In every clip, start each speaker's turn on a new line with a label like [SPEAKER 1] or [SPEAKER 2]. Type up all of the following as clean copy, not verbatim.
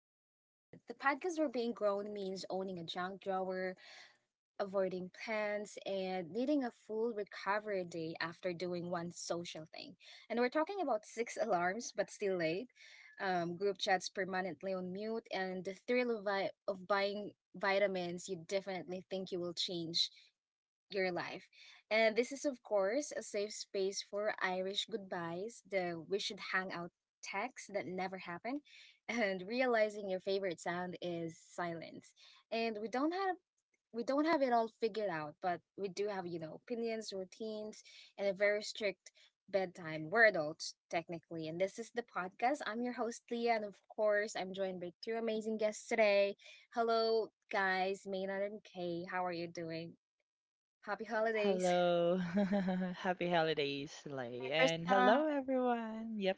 [SPEAKER 1] adulthood. The podcast where being grown means owning a junk drawer, avoiding plans, and needing a full recovery day after doing one social thing. And we're talking about six alarms, but still late, group chats permanently on mute, and the thrill of buying vitamins you definitely think you will change your life. And this is, of course, a safe space for Irish goodbyes, the we should hang out texts that never happen, and realizing your favorite sound is silence. And we don't have it all figured out, but we do have, opinions, routines, and a very strict bedtime. We're adults, technically. And this is the podcast. I'm your host, Leah, and of course, I'm joined by two amazing guests today. Hello, guys, Maynard and Kay. How are you doing? Happy holidays.
[SPEAKER 2] Hello. Happy holidays,
[SPEAKER 3] Merry
[SPEAKER 2] Lay. And
[SPEAKER 3] Christmas.
[SPEAKER 2] hello, everyone. Yep.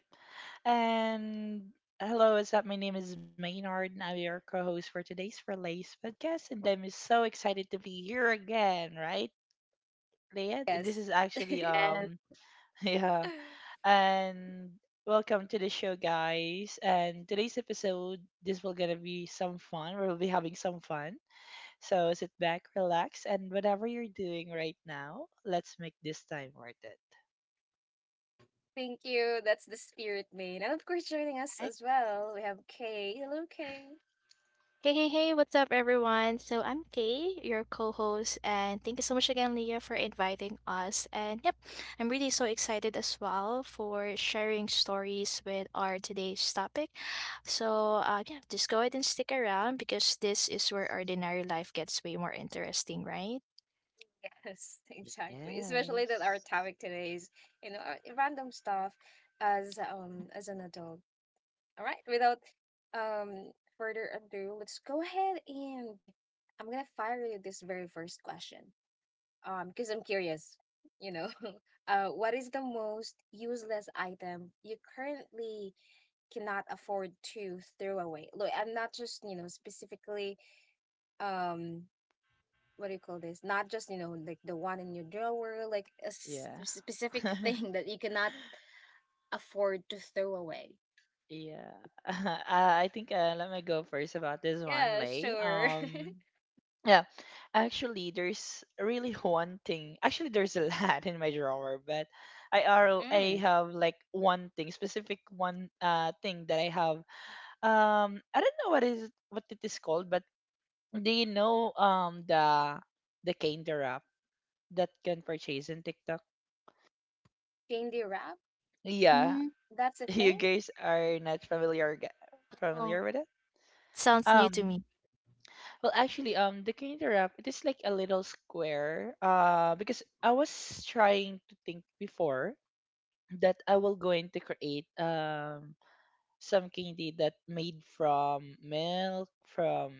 [SPEAKER 2] And hello, what's up? My name is Maynard, and I'm your co host for today's Relays podcast. And I'm so excited to be here again, right, Leah? This
[SPEAKER 1] Yes.
[SPEAKER 2] is actually,
[SPEAKER 3] And
[SPEAKER 2] yeah. And welcome to the show, guys. And today's episode, this will gonna be some fun. We'll be having some fun. So sit back, relax, and whatever you're doing right now, let's make this time worth it.
[SPEAKER 1] Thank you. That's the spirit, Maine. And of course, joining us
[SPEAKER 3] hi.
[SPEAKER 1] as well, we have Kay. Hello, Kay.
[SPEAKER 3] Hey, hey, hey, what's up, everyone? So I'm Kay, your co-host, and thank you so much again, Leah, for inviting us. And yep, I'm really so excited as well for sharing stories with our today's topic. So yeah, just go ahead and stick around because this is where ordinary life gets way more interesting, right?
[SPEAKER 1] Yes, exactly. Especially that our
[SPEAKER 2] Yes.
[SPEAKER 1] topic today is, random stuff as an adult. All right. Without um further ado, let's go ahead and I'm gonna fire you this very first question. Because I'm curious. You know, what is the most useless item you currently cannot afford to throw away. Look, I'm not just, specifically, um what do you call this? Not just, like the one in your drawer, like a
[SPEAKER 2] Yeah.
[SPEAKER 1] specific thing that you cannot afford to throw away.
[SPEAKER 2] Yeah. I think, let me go first about this one,
[SPEAKER 1] Yeah,
[SPEAKER 2] Lay.
[SPEAKER 1] sure.
[SPEAKER 2] Yeah, actually, there's really one thing. Actually, there's a lot in my drawer, but I are I
[SPEAKER 1] Mm.
[SPEAKER 2] have like one thing, specific one thing that I have. I don't know what it is called, but do you know the candy wrap that can purchase in TikTok?
[SPEAKER 1] Candy wrap?
[SPEAKER 2] Yeah,
[SPEAKER 3] Mm.
[SPEAKER 1] That's a
[SPEAKER 2] you
[SPEAKER 1] thing?
[SPEAKER 2] guys are not familiar ga-
[SPEAKER 3] Oh,
[SPEAKER 2] familiar with it.
[SPEAKER 3] sounds new to
[SPEAKER 2] Um,
[SPEAKER 3] me.
[SPEAKER 2] well, actually, the candy wrap, it is like a little square. Because I was trying to think before that I will going to create some candy that made from milk, from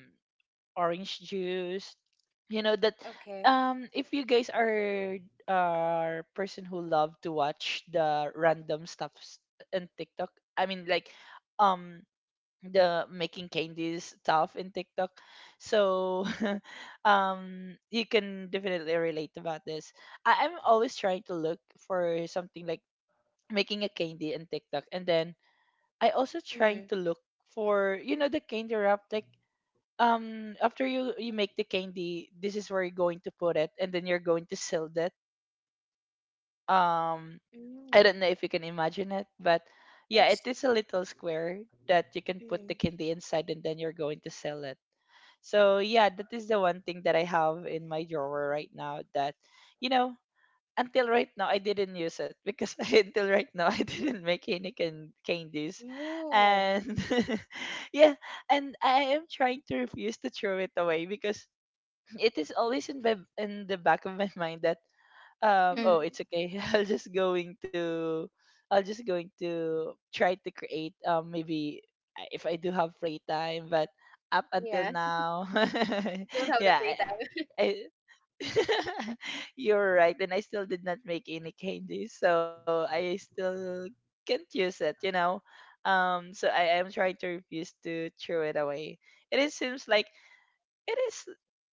[SPEAKER 2] orange juice. You know that,
[SPEAKER 1] Okay.
[SPEAKER 2] if you guys are person who love to watch the random stuffs in TikTok, I mean, like, um the making candies stuff in TikTok. So, you can definitely relate about this. I'm always trying to look for something like making a candy in TikTok, and then I also trying
[SPEAKER 1] Mm-hmm.
[SPEAKER 2] to look for, you know, the candy wrap, like, after you make the candy, this is where you're going to put it, and then you're going to seal it. um I
[SPEAKER 1] Mm.
[SPEAKER 2] don't know if you can imagine it, but yeah, it
[SPEAKER 1] It's.
[SPEAKER 2] is a little square that you can put the
[SPEAKER 1] Mm.
[SPEAKER 2] candy inside, and then you're going to seal it. So yeah, that is the one thing that I have in my drawer right now, that, you know, until right now, I didn't use it because until right now, I didn't make any candies.
[SPEAKER 1] Oh.
[SPEAKER 2] And yeah, and I am trying to refuse to throw it away because it is always in the back of my mind, that,
[SPEAKER 3] Mm-hmm.
[SPEAKER 2] oh, it's
[SPEAKER 1] Mm-hmm.
[SPEAKER 2] okay. I'll just going to try to create, maybe, if I do have free time, but up until
[SPEAKER 1] Yeah.
[SPEAKER 2] now.
[SPEAKER 1] Don't have the
[SPEAKER 2] Yeah.
[SPEAKER 1] free time.
[SPEAKER 2] I you're right, and I still did not make any candies, so I still can't use it, you know. So I am trying to refuse to throw it away, and it is seems like it is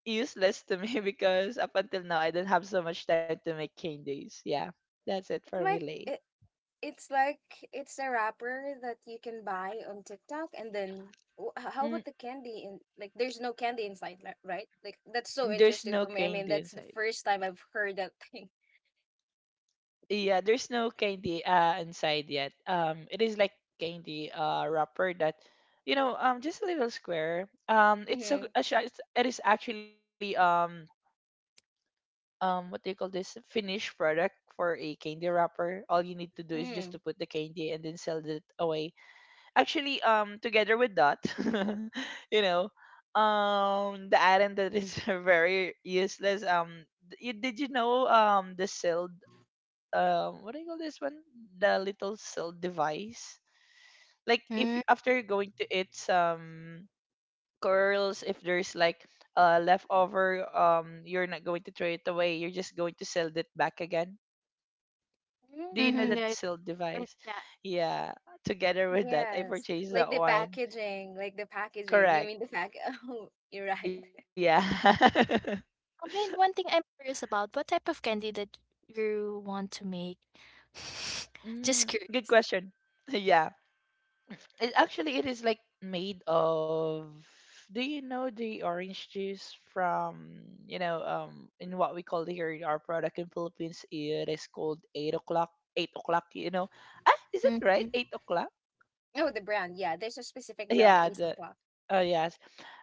[SPEAKER 2] useless to me because up until now, I don't have so much time to make candies. Yeah, that's it
[SPEAKER 1] It's
[SPEAKER 2] for me,
[SPEAKER 1] like
[SPEAKER 2] Lay.
[SPEAKER 1] it. It's like it's a wrapper that you can buy on TikTok, and then how
[SPEAKER 2] Mm,
[SPEAKER 1] about the candy? And like, there's no candy inside, right? Like, that's so
[SPEAKER 2] there's
[SPEAKER 1] interesting
[SPEAKER 2] no
[SPEAKER 1] to me. I mean,
[SPEAKER 2] candy
[SPEAKER 1] that's the
[SPEAKER 2] inside.
[SPEAKER 1] first time I've heard that thing.
[SPEAKER 2] Yeah, there's no candy inside yet. It is like candy, wrapper that, just a little square. It's
[SPEAKER 1] Mm-hmm.
[SPEAKER 2] so it is actually what do you call this, finished product for a candy wrapper. All you need to do is just
[SPEAKER 1] Mm.
[SPEAKER 2] to put the candy and then sell it away. Actually, together with that, you know the item that is very useless, you did you know, the sealed, what do you call this one, the little sealed device, like, if after you're going to eat some curls, if there's like a leftover, you're not going to throw it away, you're just going to sell it back again. Do you know
[SPEAKER 3] Mm-hmm.
[SPEAKER 1] Mm.
[SPEAKER 2] that
[SPEAKER 3] Right,
[SPEAKER 2] sealed
[SPEAKER 3] right.
[SPEAKER 2] device?
[SPEAKER 3] Yeah,
[SPEAKER 2] Yeah, together with that, I
[SPEAKER 1] Yes,
[SPEAKER 2] purchased
[SPEAKER 1] like
[SPEAKER 2] that
[SPEAKER 1] the
[SPEAKER 2] one.
[SPEAKER 1] packaging, like the packaging. You
[SPEAKER 2] Correct.
[SPEAKER 1] mean the pack? Oh, you're right.
[SPEAKER 2] Yeah.
[SPEAKER 3] I mean, one thing I'm curious about, what type of candy that you want to make?
[SPEAKER 2] Mm,
[SPEAKER 3] Just
[SPEAKER 2] good
[SPEAKER 3] curious.
[SPEAKER 2] question. Yeah. It actually it is like made of, do you know the orange juice from, you know, in what we call here in our product in Philippines, it is called Eight O'Clock. Eight O'Clock, you know. Ah, is it right,
[SPEAKER 3] Hmm.
[SPEAKER 2] Eight O'Clock?
[SPEAKER 1] Oh, the brand. Yeah, there's a specific brand.
[SPEAKER 2] Yeah,
[SPEAKER 1] Eight
[SPEAKER 2] the,
[SPEAKER 1] o'clock.
[SPEAKER 2] oh yes.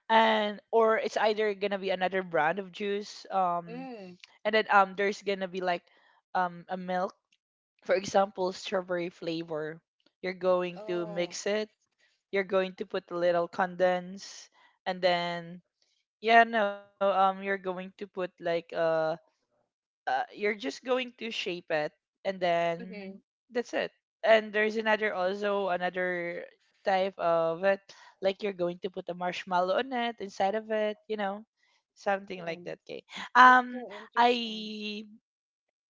[SPEAKER 2] And or it's either gonna be another brand of juice,
[SPEAKER 1] Mm.
[SPEAKER 2] and then, there's gonna be like, a milk, for example, strawberry flavor. You're going to
[SPEAKER 1] Oh.
[SPEAKER 2] mix it. You're going to put a little condense, and then, yeah, no, you're going to put like, you're just going to shape it, and then
[SPEAKER 1] Mm-hmm.
[SPEAKER 2] that's it. And there's another, also another type of it, like you're going to put a marshmallow on it, inside of it, you know, something like
[SPEAKER 1] Oh,
[SPEAKER 2] that. Okay.
[SPEAKER 1] that's
[SPEAKER 2] Um,
[SPEAKER 1] so interesting.
[SPEAKER 2] I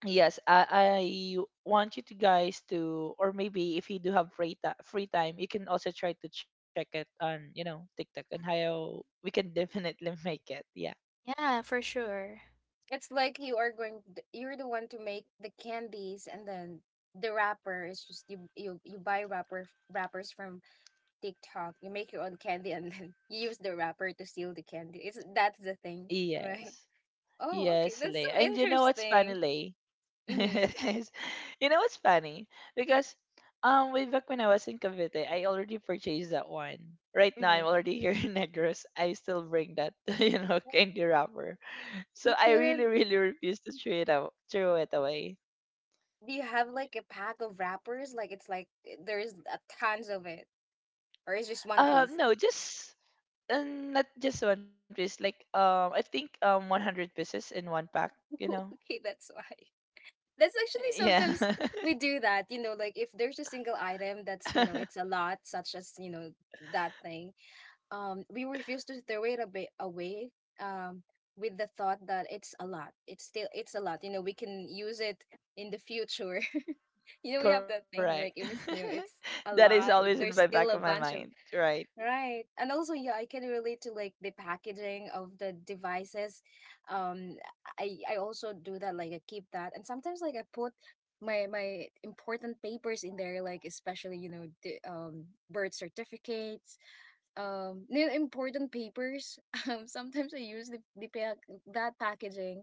[SPEAKER 2] Yes, I want you to guys to, or maybe if you do have free free time, you can also try to check it on, you know, TikTok, and how we can definitely make it. Yeah.
[SPEAKER 3] Yeah, for sure.
[SPEAKER 1] It's like you are going. You're the one to make the candies, and then the wrapper is just you. You buy wrappers from TikTok. You make your own candy, and then you use the wrapper to seal the candy. It's that's the thing, right?
[SPEAKER 2] Yes.
[SPEAKER 1] Oh, okay,
[SPEAKER 2] Yes,
[SPEAKER 1] that's
[SPEAKER 2] Lay.
[SPEAKER 1] so
[SPEAKER 2] And you know what's funny,
[SPEAKER 1] interesting.
[SPEAKER 2] Lay?
[SPEAKER 1] Mm-hmm.
[SPEAKER 2] Is- you know what's funny? Because, way back when I was in Cavite, I already purchased that one. Right now,
[SPEAKER 1] Mm-hmm.
[SPEAKER 2] I'm already here in Negros. I still bring that, you know, candy wrapper. So
[SPEAKER 1] You
[SPEAKER 2] I really,
[SPEAKER 1] couldn't.
[SPEAKER 2] really refuse to throw it out, throw it away.
[SPEAKER 1] Do you have like a pack of wrappers? Like it's like, there's a tons of it, or it's just one piece.
[SPEAKER 2] No, just, not just one piece. Like, I think, 100 pieces in one pack. You know.
[SPEAKER 1] Okay, that's why. That's actually
[SPEAKER 2] Yeah,
[SPEAKER 1] sometimes we do that, like if there's a single item that's, it's a lot, such as, that thing. We refuse to throw it a bit away, um, with the thought that it's a lot. It's still it's a lot. We can use it in the future. We have that thing,
[SPEAKER 2] correct.
[SPEAKER 1] like if it's new, it's a
[SPEAKER 2] That is
[SPEAKER 1] lot.
[SPEAKER 2] always in
[SPEAKER 1] There's
[SPEAKER 2] my
[SPEAKER 1] still a
[SPEAKER 2] back of my
[SPEAKER 1] bunch of.
[SPEAKER 2] mind, right?
[SPEAKER 1] Right. And also, yeah, I can relate to like the packaging of the devices. Um, I also do that. Like I keep that, and sometimes like I put my important papers in there, like especially the birth certificates, important papers. Sometimes I use the packaging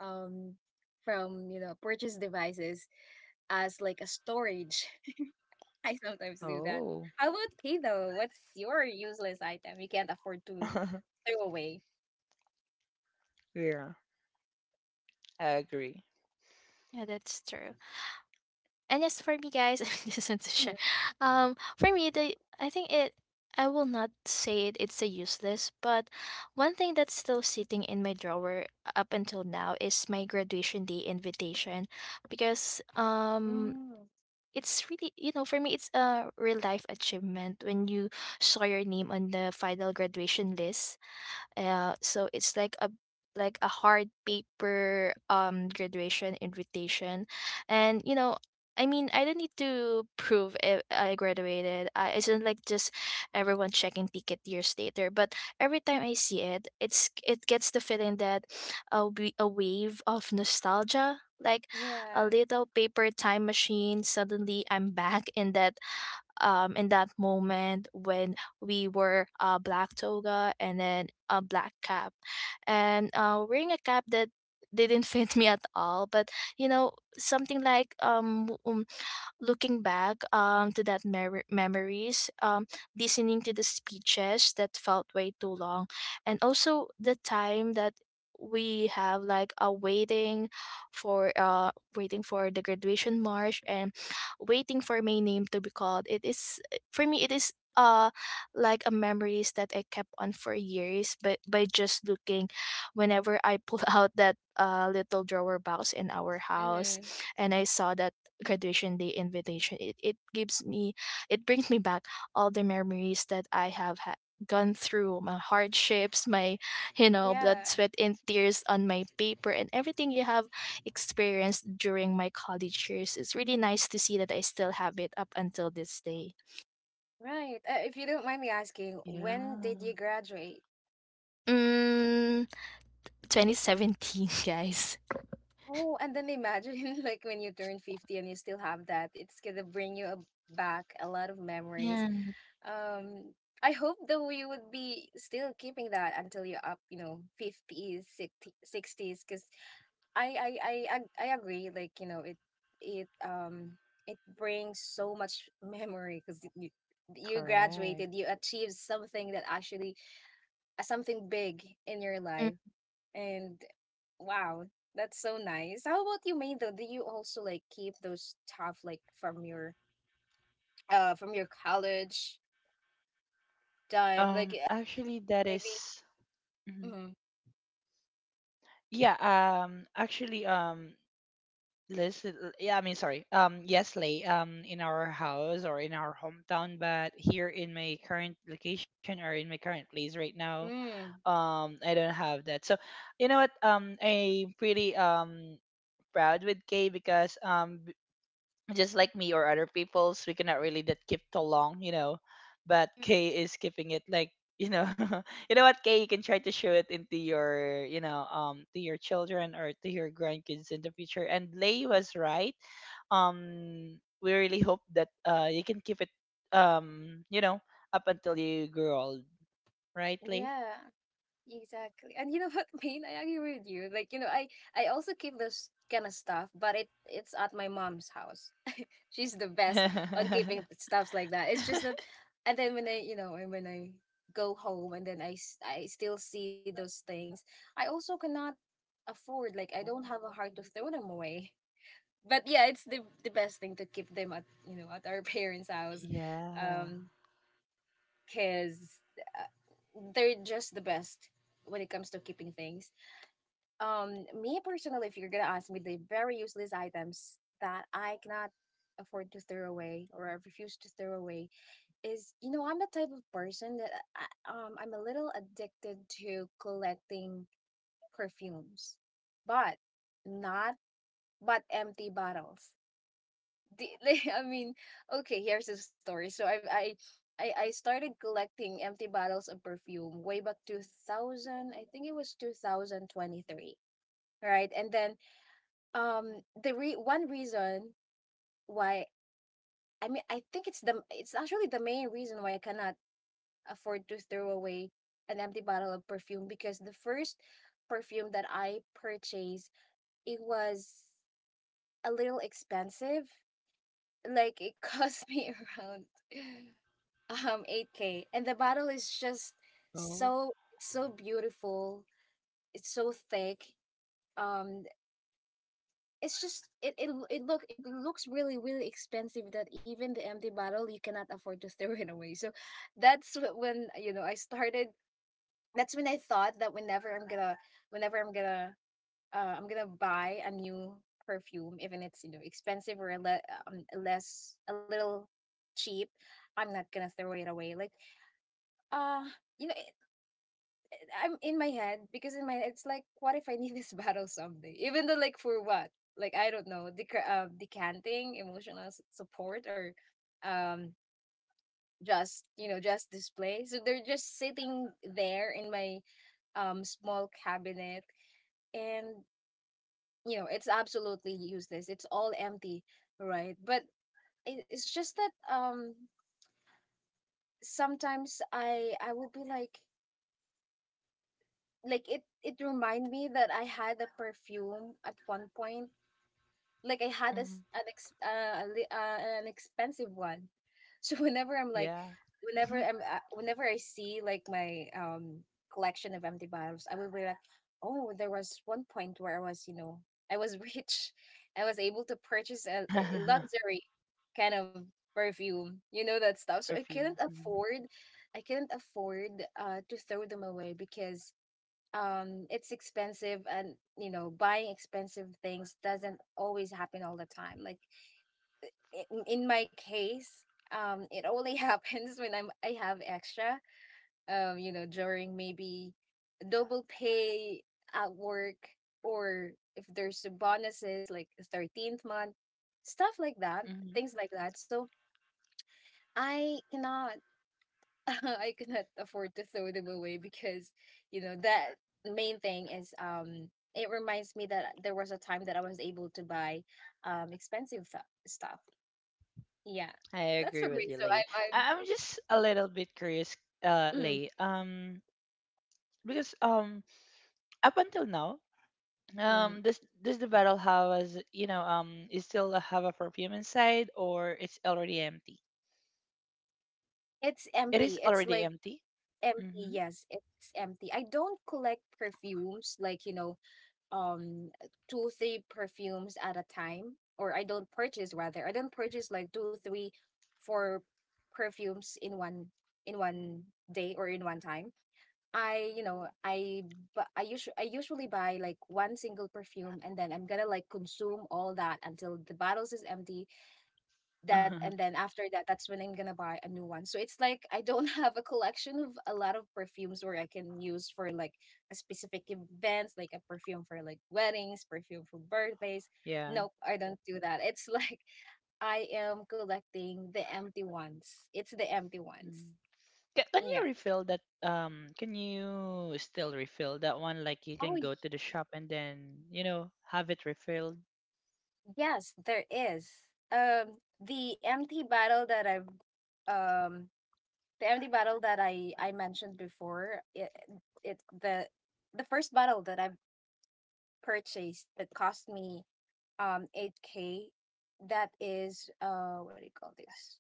[SPEAKER 1] um from purchase devices as like a storage. I sometimes do that.
[SPEAKER 2] Oh,
[SPEAKER 1] How about pay though? What's your useless item you can't afford to throw away?
[SPEAKER 2] yeah, I agree.
[SPEAKER 3] Yeah, that's true. And as for me, guys, I just want to share.
[SPEAKER 1] Mm.
[SPEAKER 3] For me, the I think it. I will not say it, it's a useless, but one thing that's still sitting in my drawer up until now is my graduation day invitation, because
[SPEAKER 1] Mm,
[SPEAKER 3] it's really, you know, for me, it's a real life achievement when you saw your name on the final graduation list. So it's like a hard paper graduation invitation, and you know, I mean, I don't need to prove if I graduated. I isn't like just everyone checking ticket years later. But every time I see it, it gets the feeling that a wave of nostalgia, like
[SPEAKER 1] yeah.
[SPEAKER 3] a little paper time machine. Suddenly, I'm back in that moment when we were black toga and then a black cap and wearing a cap that didn't fit me at all, but you know, something like looking back, to that memories, listening to the speeches that felt way too long, and also the time that we have like a waiting for waiting for the graduation march, and waiting for my name to be called. It is, for me, it is like a memories that I kept on for years. But by just looking, whenever I pull out that little drawer box in our house,
[SPEAKER 1] Mm-hmm.
[SPEAKER 3] and I saw that graduation day invitation, it gives me, it brings me back all the memories that I have gone through, my hardships, my, you know, blood,
[SPEAKER 1] Yeah,
[SPEAKER 3] sweat, and tears on my paper, and everything you have experienced during my college years. It's really nice to see that I still have it up until this day.
[SPEAKER 1] right. If you don't mind me asking,
[SPEAKER 2] Yeah,
[SPEAKER 1] when did you graduate?
[SPEAKER 3] Mm, 2017, guys.
[SPEAKER 1] Oh, and then imagine like when you turn 50 and you still have that, it's gonna bring you back a lot of memories.
[SPEAKER 3] Yeah.
[SPEAKER 1] Um, I hope that we would be still keeping that until you're up, 50s, 60s, because I agree. Like it um it brings so much memory because you graduated, you
[SPEAKER 2] correct.
[SPEAKER 1] achieved something that actually, something big in your
[SPEAKER 3] Mm.
[SPEAKER 1] life, and wow, that's so nice. How about you, May? Though, do you also like keep those stuff like from your college time, like,
[SPEAKER 2] Actually, that
[SPEAKER 1] maybe?
[SPEAKER 2] is- mhm.
[SPEAKER 1] Mm,
[SPEAKER 2] Yeah. Actually, listen, yeah, I mean, sorry. Yes, Lay, in our house or in our hometown, but here in my current location, or in my current place right now,
[SPEAKER 1] mm,
[SPEAKER 2] I don't have that. So, you know what? I'm pretty proud with Kay, because just like me or other people's, we cannot really that keep too long, you know, but Kay is keeping it like. You know, you know what, Kay? You can try to show it into your, you know, to your children or to your grandkids in the future. And Lay was right, we really hope that you can keep it, you know, up until you grow old, right, Lee?
[SPEAKER 1] yeah, exactly. And you know what, Maine, I agree with you. Like, I also keep this kind of stuff, but it's at my mom's house. She's the best on keeping stuffs like that. It's just that, and then when I go home and then I still see those things, I also cannot afford, like I don't have a heart to throw them away. But yeah, it's the best thing to keep them at our parents' house.
[SPEAKER 2] Yeah.
[SPEAKER 1] Um, Cuz, uh, they're just the best when it comes to keeping things. Me personally, if you're gonna ask me, the very useless items that I cannot afford to throw away or I refuse to throw away is, I'm the type of person that I'm a little addicted to collecting perfumes, but not, but empty bottles. I mean, okay, here's the story. So I started collecting empty bottles of perfume way back 2000, I think it was 2023, right? And then the one reason why, I mean, I think it's actually the main reason why I cannot afford to throw away an empty bottle of perfume, because the first perfume that I purchased, it was a little expensive. Like it cost me around 8K, and the bottle is just
[SPEAKER 2] Oh.
[SPEAKER 1] so, so beautiful. It's so thick. Um it's just it looks really, really expensive, that even the empty bottle you cannot afford to throw it away. So that's when I started. That's when I thought that whenever I'm gonna buy a new perfume, even it's expensive or less a little cheap, I'm not gonna throw it away. Like, uh you know I'm in my head, because in my head it's like, what if I need this bottle someday? Even though like for what? Like I don't know, decanting, emotional support, or um just you know just display. So they're just sitting there in my small cabinet, and it's absolutely useless. It's all empty, right? But it's just that, sometimes I will be like it remind me that I had a perfume at one point. Like I had this
[SPEAKER 2] Hmm.
[SPEAKER 1] an ex- a li- an expensive one. So whenever I'm like,
[SPEAKER 2] Yeah.
[SPEAKER 1] whenever I'm, uh, whenever I see like my collection of empty bottles, I will be like, oh, there was one point where I was, I was rich, I was able to purchase a luxury kind of perfume, you know that stuff. So I couldn't
[SPEAKER 2] Perfume. Hmm.
[SPEAKER 1] afford, I couldn't afford to throw them away because, it's expensive, and buying expensive things doesn't always happen all the time, like in my case. It only happens when I have extra, during maybe double pay at work, or if there's bonuses like 13th month stuff, like that,
[SPEAKER 2] Hmm.
[SPEAKER 1] things like that. So I cannot I cannot afford to throw them away, because, that main thing is, it reminds me that there was a time that I was able to buy expensive stuff. Yeah.
[SPEAKER 2] I
[SPEAKER 1] That's the
[SPEAKER 2] agree with
[SPEAKER 1] reason,
[SPEAKER 2] you,
[SPEAKER 1] so
[SPEAKER 2] Lee.
[SPEAKER 1] I'm
[SPEAKER 2] I'm just a little bit curious,
[SPEAKER 1] I'm
[SPEAKER 2] Lee, because, up until now,
[SPEAKER 1] mm, mm.
[SPEAKER 2] does the battle house, you know, is still have a perfume inside, or it's already empty?
[SPEAKER 1] It's
[SPEAKER 2] It
[SPEAKER 1] empty.
[SPEAKER 2] is
[SPEAKER 1] It's
[SPEAKER 2] already
[SPEAKER 1] like
[SPEAKER 2] empty.
[SPEAKER 1] empty.
[SPEAKER 2] Mm-hmm.
[SPEAKER 1] Yes, it's empty. I don't collect perfumes like, um two three perfumes at a time. Or I don't purchase, like two three four perfumes in one, in one day, or in one time. I you know I But I usually buy like one single perfume, and then I'm gonna like consume all that until the bottles is empty. That And then after that, that's when I'm gonna buy a new one. So it's like, I don't have a collection of a lot of perfumes where I can use for like a specific events, like a perfume for like weddings, perfume for birthdays.
[SPEAKER 2] Yeah.
[SPEAKER 1] Nope, I don't do that. It's like I am collecting the empty ones. It's the empty ones.
[SPEAKER 2] Mm. Can you
[SPEAKER 1] Yeah.
[SPEAKER 2] refill that? Can you still refill that one? Like, you
[SPEAKER 1] Oh,
[SPEAKER 2] can go to the shop and then, you know, have it refilled.
[SPEAKER 1] yes, there is. Um the empty bottle that I've um the empty bottle that I mentioned before, it the first bottle that I purchased, that cost me 8K, that is, what do you call this?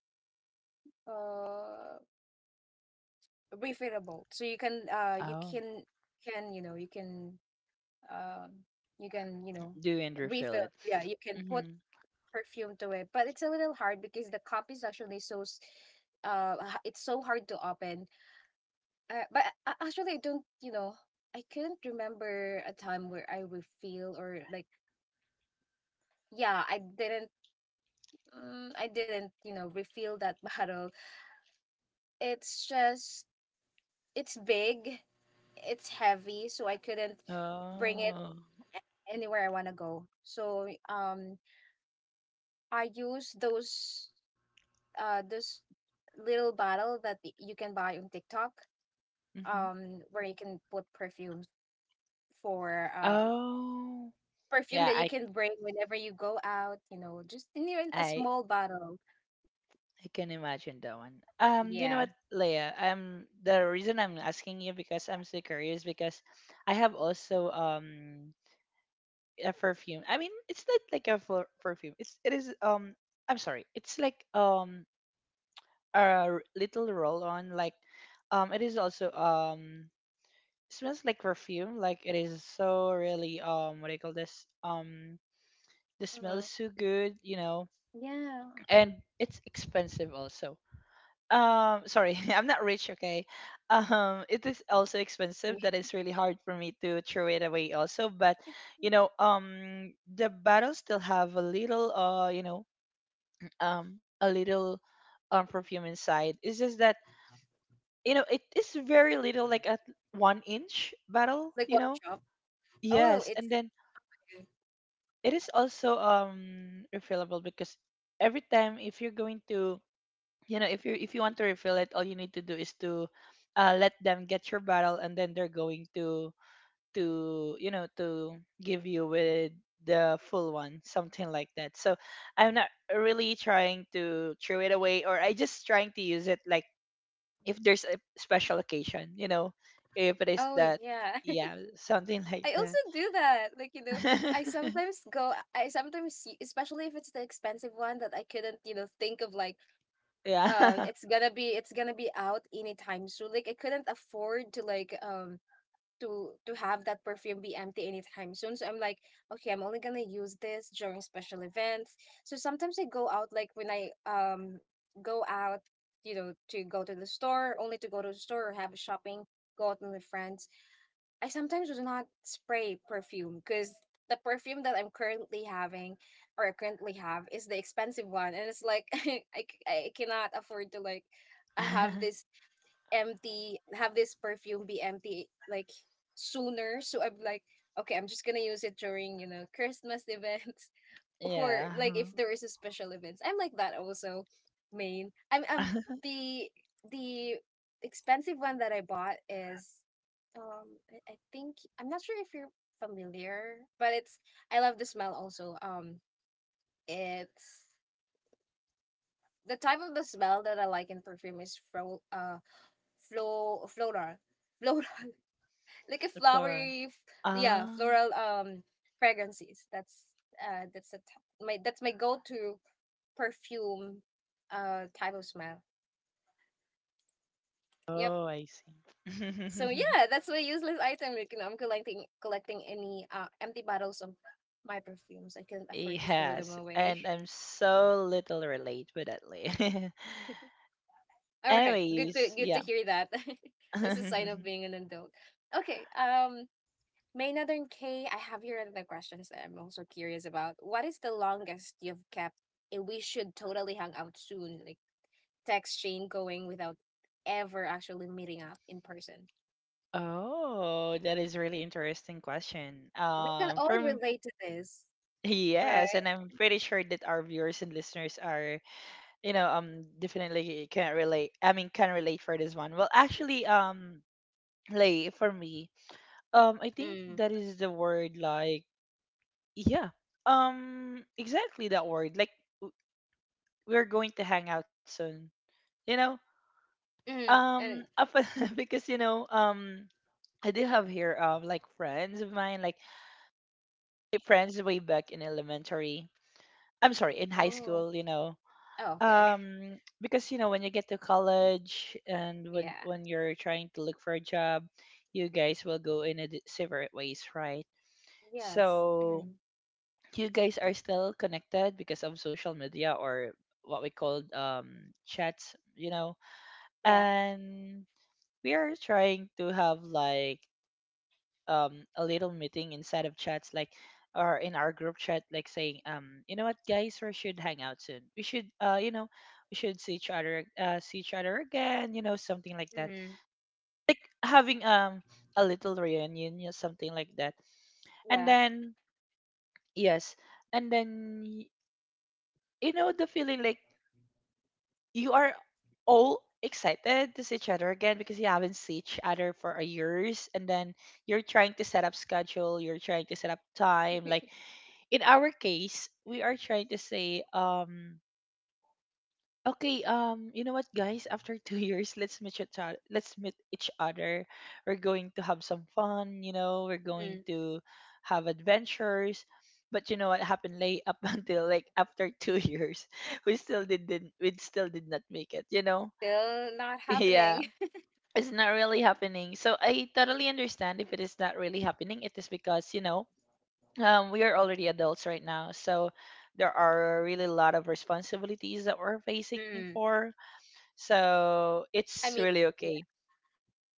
[SPEAKER 1] Uh refillable. So you
[SPEAKER 2] Oh,
[SPEAKER 1] can you know you can um you can you know
[SPEAKER 2] do and refill
[SPEAKER 1] refill.
[SPEAKER 2] it.
[SPEAKER 1] Yeah, you can put
[SPEAKER 2] Mm-hmm.
[SPEAKER 1] perfume to it, but it's a little hard because the cup is actually it's so hard to open. Actually, I don't. I couldn't remember a time where I refill or yeah, I didn't, I didn't refill that bottle. It's it's big, it's heavy, so I couldn't bring it
[SPEAKER 2] Oh.
[SPEAKER 1] anywhere I want to go. So, I use this little bottle that you can buy on TikTok,
[SPEAKER 2] Mm-hmm.
[SPEAKER 1] where you can put perfumes for, uh,
[SPEAKER 2] Oh.
[SPEAKER 1] perfume that
[SPEAKER 2] Yeah,
[SPEAKER 1] you can bring whenever you go out, you know, just in a
[SPEAKER 2] I
[SPEAKER 1] small bottle.
[SPEAKER 2] I can imagine that one. You know
[SPEAKER 1] Yeah.
[SPEAKER 2] what, Leia? The reason I'm asking you because I'm so curious, because I have also, a perfume. I mean, it's not like a perfume. It is, I'm sorry. It's like, a, little roll on, like, it is also, smells like perfume. Like, it is so really, what do you call this? The smell is
[SPEAKER 1] Hmm.
[SPEAKER 2] so good, you know.
[SPEAKER 1] Yeah.
[SPEAKER 2] And it's expensive also. Sorry, I'm not rich, okay. It is also
[SPEAKER 1] I
[SPEAKER 2] expensive,
[SPEAKER 1] mean,
[SPEAKER 2] that it's really hard for me to throw it away also, but you know, the bottles still have a little, you know, a little, perfume inside. It's just that, you know, it is very little, like a 1-inch bottle,
[SPEAKER 1] like
[SPEAKER 2] you
[SPEAKER 1] one
[SPEAKER 2] know.
[SPEAKER 1] drop. Oh,
[SPEAKER 2] Yes.
[SPEAKER 1] it's
[SPEAKER 2] And then
[SPEAKER 1] good.
[SPEAKER 2] it is also refillable, because every time, if you're going to, you know, if you want to refill it, all you need to do is to, let them get your bottle, and then they're going to, you know, to give you with the full one, something like that. So I'm not really trying to throw it away, or I just trying to use it, like, if there's a special occasion, you know, if it is
[SPEAKER 1] Oh,
[SPEAKER 2] that.
[SPEAKER 1] yeah.
[SPEAKER 2] Yeah, something like
[SPEAKER 1] I
[SPEAKER 2] that.
[SPEAKER 1] also do that. Like, you know, I sometimes see, especially if it's the expensive one that I couldn't, you know, think of
[SPEAKER 2] Yeah.
[SPEAKER 1] it's gonna be out anytime soon. Like, I couldn't afford to to have that perfume be empty anytime soon. So I'm like, okay, I'm only gonna use this during special events. So sometimes I go out like when I go out, you know, to go to the store, only to go to the store or have shopping, go out with my friends. I sometimes do not spray perfume because the perfume that I'm currently having or I currently have is the expensive one, and it's like I cannot afford to uh, have this have this perfume be empty like sooner. So I'm like, okay, I'm just gonna use it during, you know, Christmas events or
[SPEAKER 2] Yeah.
[SPEAKER 1] like if there is a special events. I'm like that also, main. I'm the the expensive one that I bought is, um, I think I'm not sure if you're familiar, but it's, I love the smell also. Um, it's the type of the smell that I like in perfume is floral, floral like a
[SPEAKER 2] The floor.
[SPEAKER 1] Yeah,
[SPEAKER 2] Ah.
[SPEAKER 1] floral fragrances. That's that's a t- my that's my go-to perfume, type of smell. Yep.
[SPEAKER 2] Oh, I see.
[SPEAKER 1] So yeah, that's my useless item. Like, you know, I'm collecting any empty bottles of my perfumes. I can't afford to throw them
[SPEAKER 2] Yes,
[SPEAKER 1] away.
[SPEAKER 2] and I'm so little relate with that lady.
[SPEAKER 1] All right, good
[SPEAKER 2] Anyways,
[SPEAKER 1] to
[SPEAKER 2] yeah.
[SPEAKER 1] hear that. That's a sign of being an adult. Okay, May Northern K, I have here another questions that I'm also curious about. What is the longest you've kept? And we should totally hang out soon. Like text chain going without ever actually meeting up in person.
[SPEAKER 2] Oh, that is really interesting question.
[SPEAKER 1] We can all
[SPEAKER 2] From,
[SPEAKER 1] relate to this,
[SPEAKER 2] yes,
[SPEAKER 1] right?
[SPEAKER 2] and I'm pretty sure that our viewers and listeners are, you know, definitely can relate. I mean, can relate for this one. Well, actually, like for me, I think
[SPEAKER 1] Mm.
[SPEAKER 2] that is the word, like, yeah, exactly that word. Like, w- we're going to hang out soon, you know.
[SPEAKER 1] Mm. And
[SPEAKER 2] Up because, you know, I do have here, like friends of mine, like my friends way back in elementary. I'm sorry, in high
[SPEAKER 1] oh,
[SPEAKER 2] school, you know.
[SPEAKER 1] oh okay.
[SPEAKER 2] Because, you know, when you get to college, and when
[SPEAKER 1] Yeah.
[SPEAKER 2] when you're trying to look for a job, you guys will go in a separate ways, right?
[SPEAKER 1] Yes.
[SPEAKER 2] So
[SPEAKER 1] Mm.
[SPEAKER 2] you guys are still connected because of social media, or what we call, chats, you know,
[SPEAKER 1] Yeah.
[SPEAKER 2] and we are trying to have, like, a little meeting inside of chats, like, or in our group chat, like saying, you know what, guys, we should hang out soon, we should, you know, we should see each other again, you know, something like that,
[SPEAKER 1] Mm.
[SPEAKER 2] like having, a little reunion, you know, something like that. And
[SPEAKER 1] Yeah.
[SPEAKER 2] then, yes, and then, you know the feeling, like, you are all excited to see each other again because you haven't seen each other for a years, and then you're trying to set up schedule, you're trying to set up time. Like in our case, we are trying to say, okay, you know what, guys, after 2 years, let's meet each other. Let's meet each other. We're going to have some fun. You know, we're going
[SPEAKER 1] Mm.
[SPEAKER 2] to have adventures. But you know what happened, late up until like after two years, we still didn't. We still did not make it. You know,
[SPEAKER 1] Still not
[SPEAKER 2] yeah,
[SPEAKER 1] happening.
[SPEAKER 2] it's not really happening. So I totally understand if it is not really happening. It is because, you know, we are already adults right now, so there are really a lot of responsibilities that we're facing
[SPEAKER 1] Mm.
[SPEAKER 2] for. So it's
[SPEAKER 1] I mean,
[SPEAKER 2] really okay.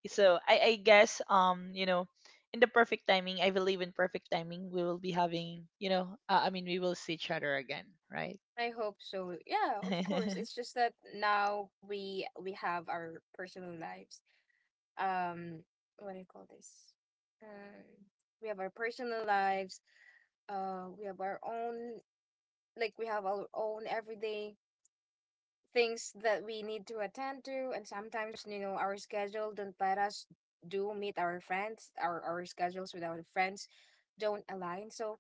[SPEAKER 2] So I guess, you know, in the perfect timing, I believe in perfect timing, we will be having, you know, I mean, we will see each other again, right?
[SPEAKER 1] I hope so. Yeah, of course. It's just that now we have our personal lives. Um, what do you call this? Um, we have our personal lives. We have our own, like we have our own everyday things that we need to attend to, and sometimes you know our schedule don't let us do meet our friends. Our schedules with our friends don't align. So,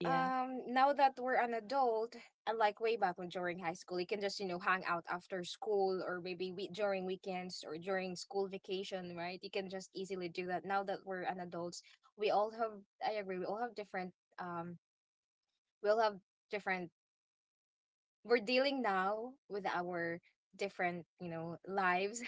[SPEAKER 2] Yeah,
[SPEAKER 1] Now that we're an adult, unlike way back when during high school, you can just, you know, hang out after school or maybe we during weekends or during school vacation, right? You can just easily do that. Now that we're an adults, we all have, I agree, we all have um, we all have different, we're dealing now with our different, you know, lives.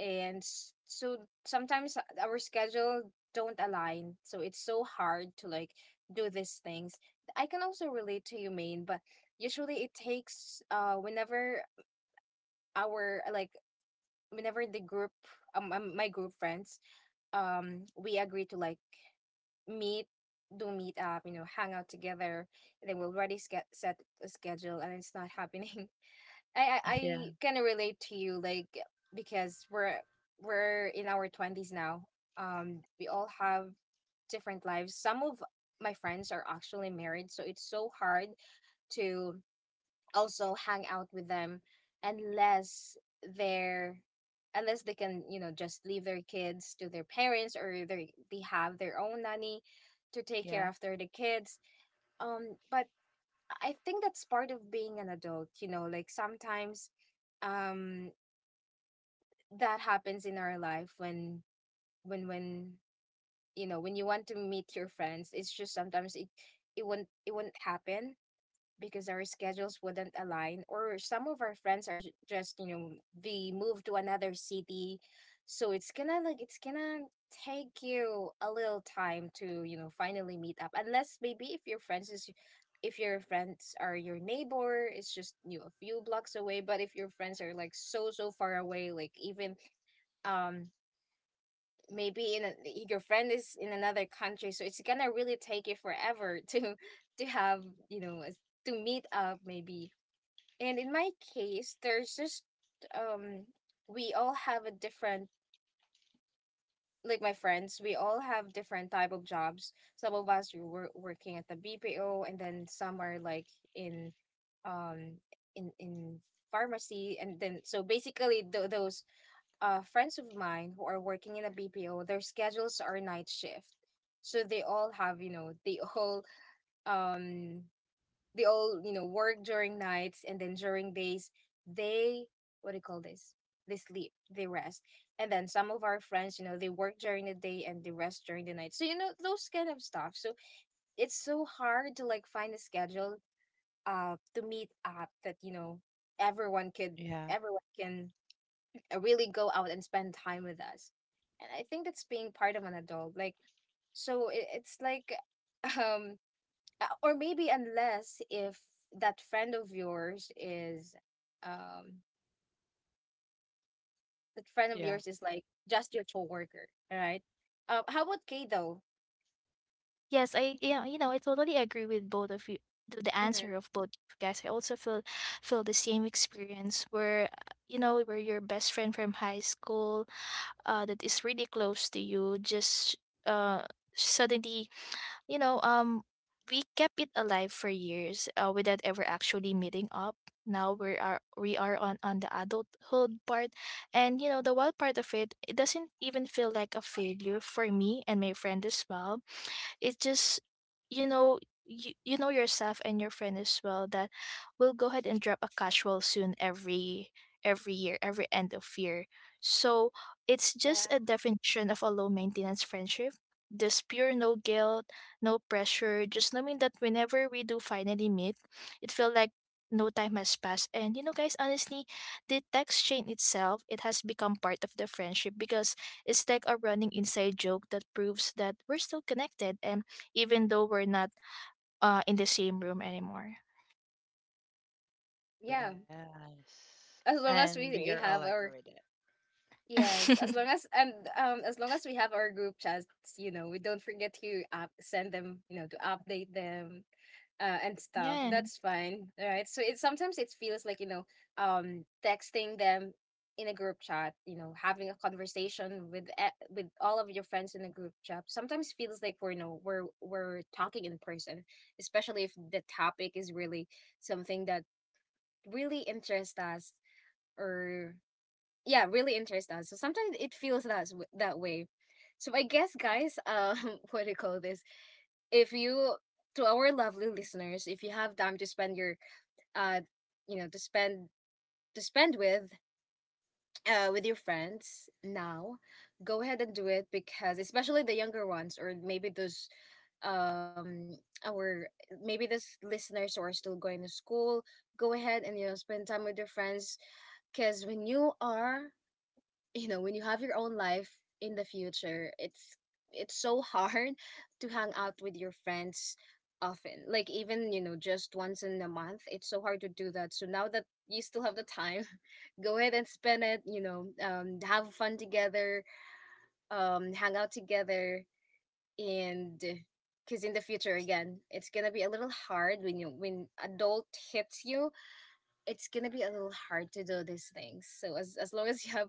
[SPEAKER 1] And so sometimes our schedule don't align, so it's so hard to like do these things. I can also relate to you, main, but usually it takes whenever our like whenever the group my group friends, we agree to like meet do meet up, you know, hang out together, and then we'll already set a schedule and it's not happening. I
[SPEAKER 2] yeah,
[SPEAKER 1] kind of relate to you, like because we're in our twenties now. We all have different lives. Some of my friends are actually married, so it's so hard to also hang out with them unless they're unless they can, you know, just leave their kids to their parents or they have their own nanny to take care
[SPEAKER 2] yeah,
[SPEAKER 1] after the kids. But I think that's part of being an adult, you know, like sometimes um that happens in our life when when you know, when you want to meet your friends, it's just sometimes it won't, happen because our schedules wouldn't align, or some of our friends are just, you know, they move to another city, so it's gonna take you a little time to, you know, finally meet up, unless maybe if your friends is if your friends are your neighbor, it's just, you know, a few blocks away. But if your friends are like so far away, like even, um maybe in a, your friend is in another country, so it's gonna really take you forever to have you know a to meet up maybe. And in my case, there's just, um we all have a different, like my friends, we all have different type of jobs. Some of us working at the BPO, and then some are like in um in pharmacy. And then so basically those friends of mine who are working in a BPO, their schedules are night shift. So they all have, you know, they um all, you know, work during nights, and then during days they, what do you call this, they sleep, they rest. And then some of our friends, you know, they work during the day and they rest during the night. So you know, those kind of stuff. So it's so hard to like find a schedule to meet up that, you know, everyone could
[SPEAKER 2] yeah.
[SPEAKER 1] everyone can really go out and spend time with us. And I think that's being part of an adult, like so it's like um or maybe unless if that friend of yours is um that friend of
[SPEAKER 2] Yeah.
[SPEAKER 1] yours is like just your coworker, right? How about Kay though?
[SPEAKER 3] Yes, I, yeah, you know, I totally agree with both of you, the
[SPEAKER 1] Mm-hmm.
[SPEAKER 3] answer of both of you guys. I also feel, feel the same experience where you know, where your best friend from high school, that is really close to you just uh suddenly, you know, we kept it alive for years, without ever actually meeting up. Now we are on the adulthood part. And you know, the wild part of it, it doesn't even feel like a failure for me and my friend as well. It just, you know, you know yourself and your friend as well that we'll go ahead and drop a casual soon every year, every end of year. So it's just
[SPEAKER 1] Yeah.
[SPEAKER 3] a definition of a low maintenance friendship. Just pure, no guilt, no pressure, just knowing that whenever we do finally meet, it feel like no time has passed. And you know, guys, honestly, the text chain itself, it has become part of the friendship because it's like a running inside joke that proves that we're still connected, and even though we're not in the same room anymore.
[SPEAKER 1] Yeah,
[SPEAKER 2] Yes.
[SPEAKER 1] as long
[SPEAKER 2] And
[SPEAKER 1] as
[SPEAKER 2] we are
[SPEAKER 1] we
[SPEAKER 2] all
[SPEAKER 1] have
[SPEAKER 2] agree with
[SPEAKER 1] our
[SPEAKER 2] it.
[SPEAKER 1] yes, as long as and as long as we have our group chats, you know, we don't forget to send them, you know, to update them, and stuff.
[SPEAKER 3] Yeah.
[SPEAKER 1] That's fine, right? So it sometimes it feels like, you know, texting them in a group chat, you know, having a conversation with with all of your friends in a group chat. Sometimes feels like we're you know we're talking in person, especially if the topic is really something that really interests us. Or yeah, really interests us. So sometimes it feels that that way. So I guess, guys, what do you call this? If you To our lovely listeners, if you have time to spend your, uh you know to spend to spend with your friends now, go ahead and do it. Because especially the younger ones, or maybe those, um our maybe those listeners who are still going to school, go ahead and, you know, spend time with your friends. Because when you are, you know, when you have your own life in the future, it's so hard to hang out with your friends often, like even, you know, just once in a month, it's so hard to do that. So now that you still have the time, go ahead and spend it, you know. Um, have fun together, um, hang out together. And because in the future again, it's gonna be a little hard when you when adult hits you, it's gonna be a little hard to do these things. So as long as you have,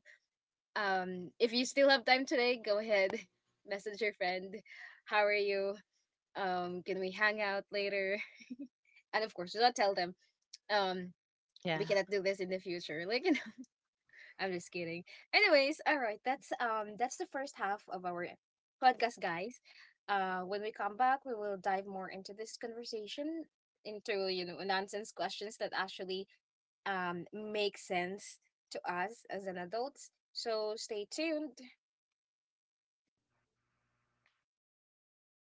[SPEAKER 1] um, if you still have time today, go ahead, message your friend, how are you, um, can we hang out later, and of course do not tell them, um,
[SPEAKER 2] Yeah.
[SPEAKER 1] we cannot do this in the future. Like, you know, I'm just kidding. Anyways, all right, that's, that's the first half of our podcast, guys. Uh, when we come back, we will dive more into this conversation, into, you know, nonsense questions that actually, um, make sense to us as an adults. So stay tuned.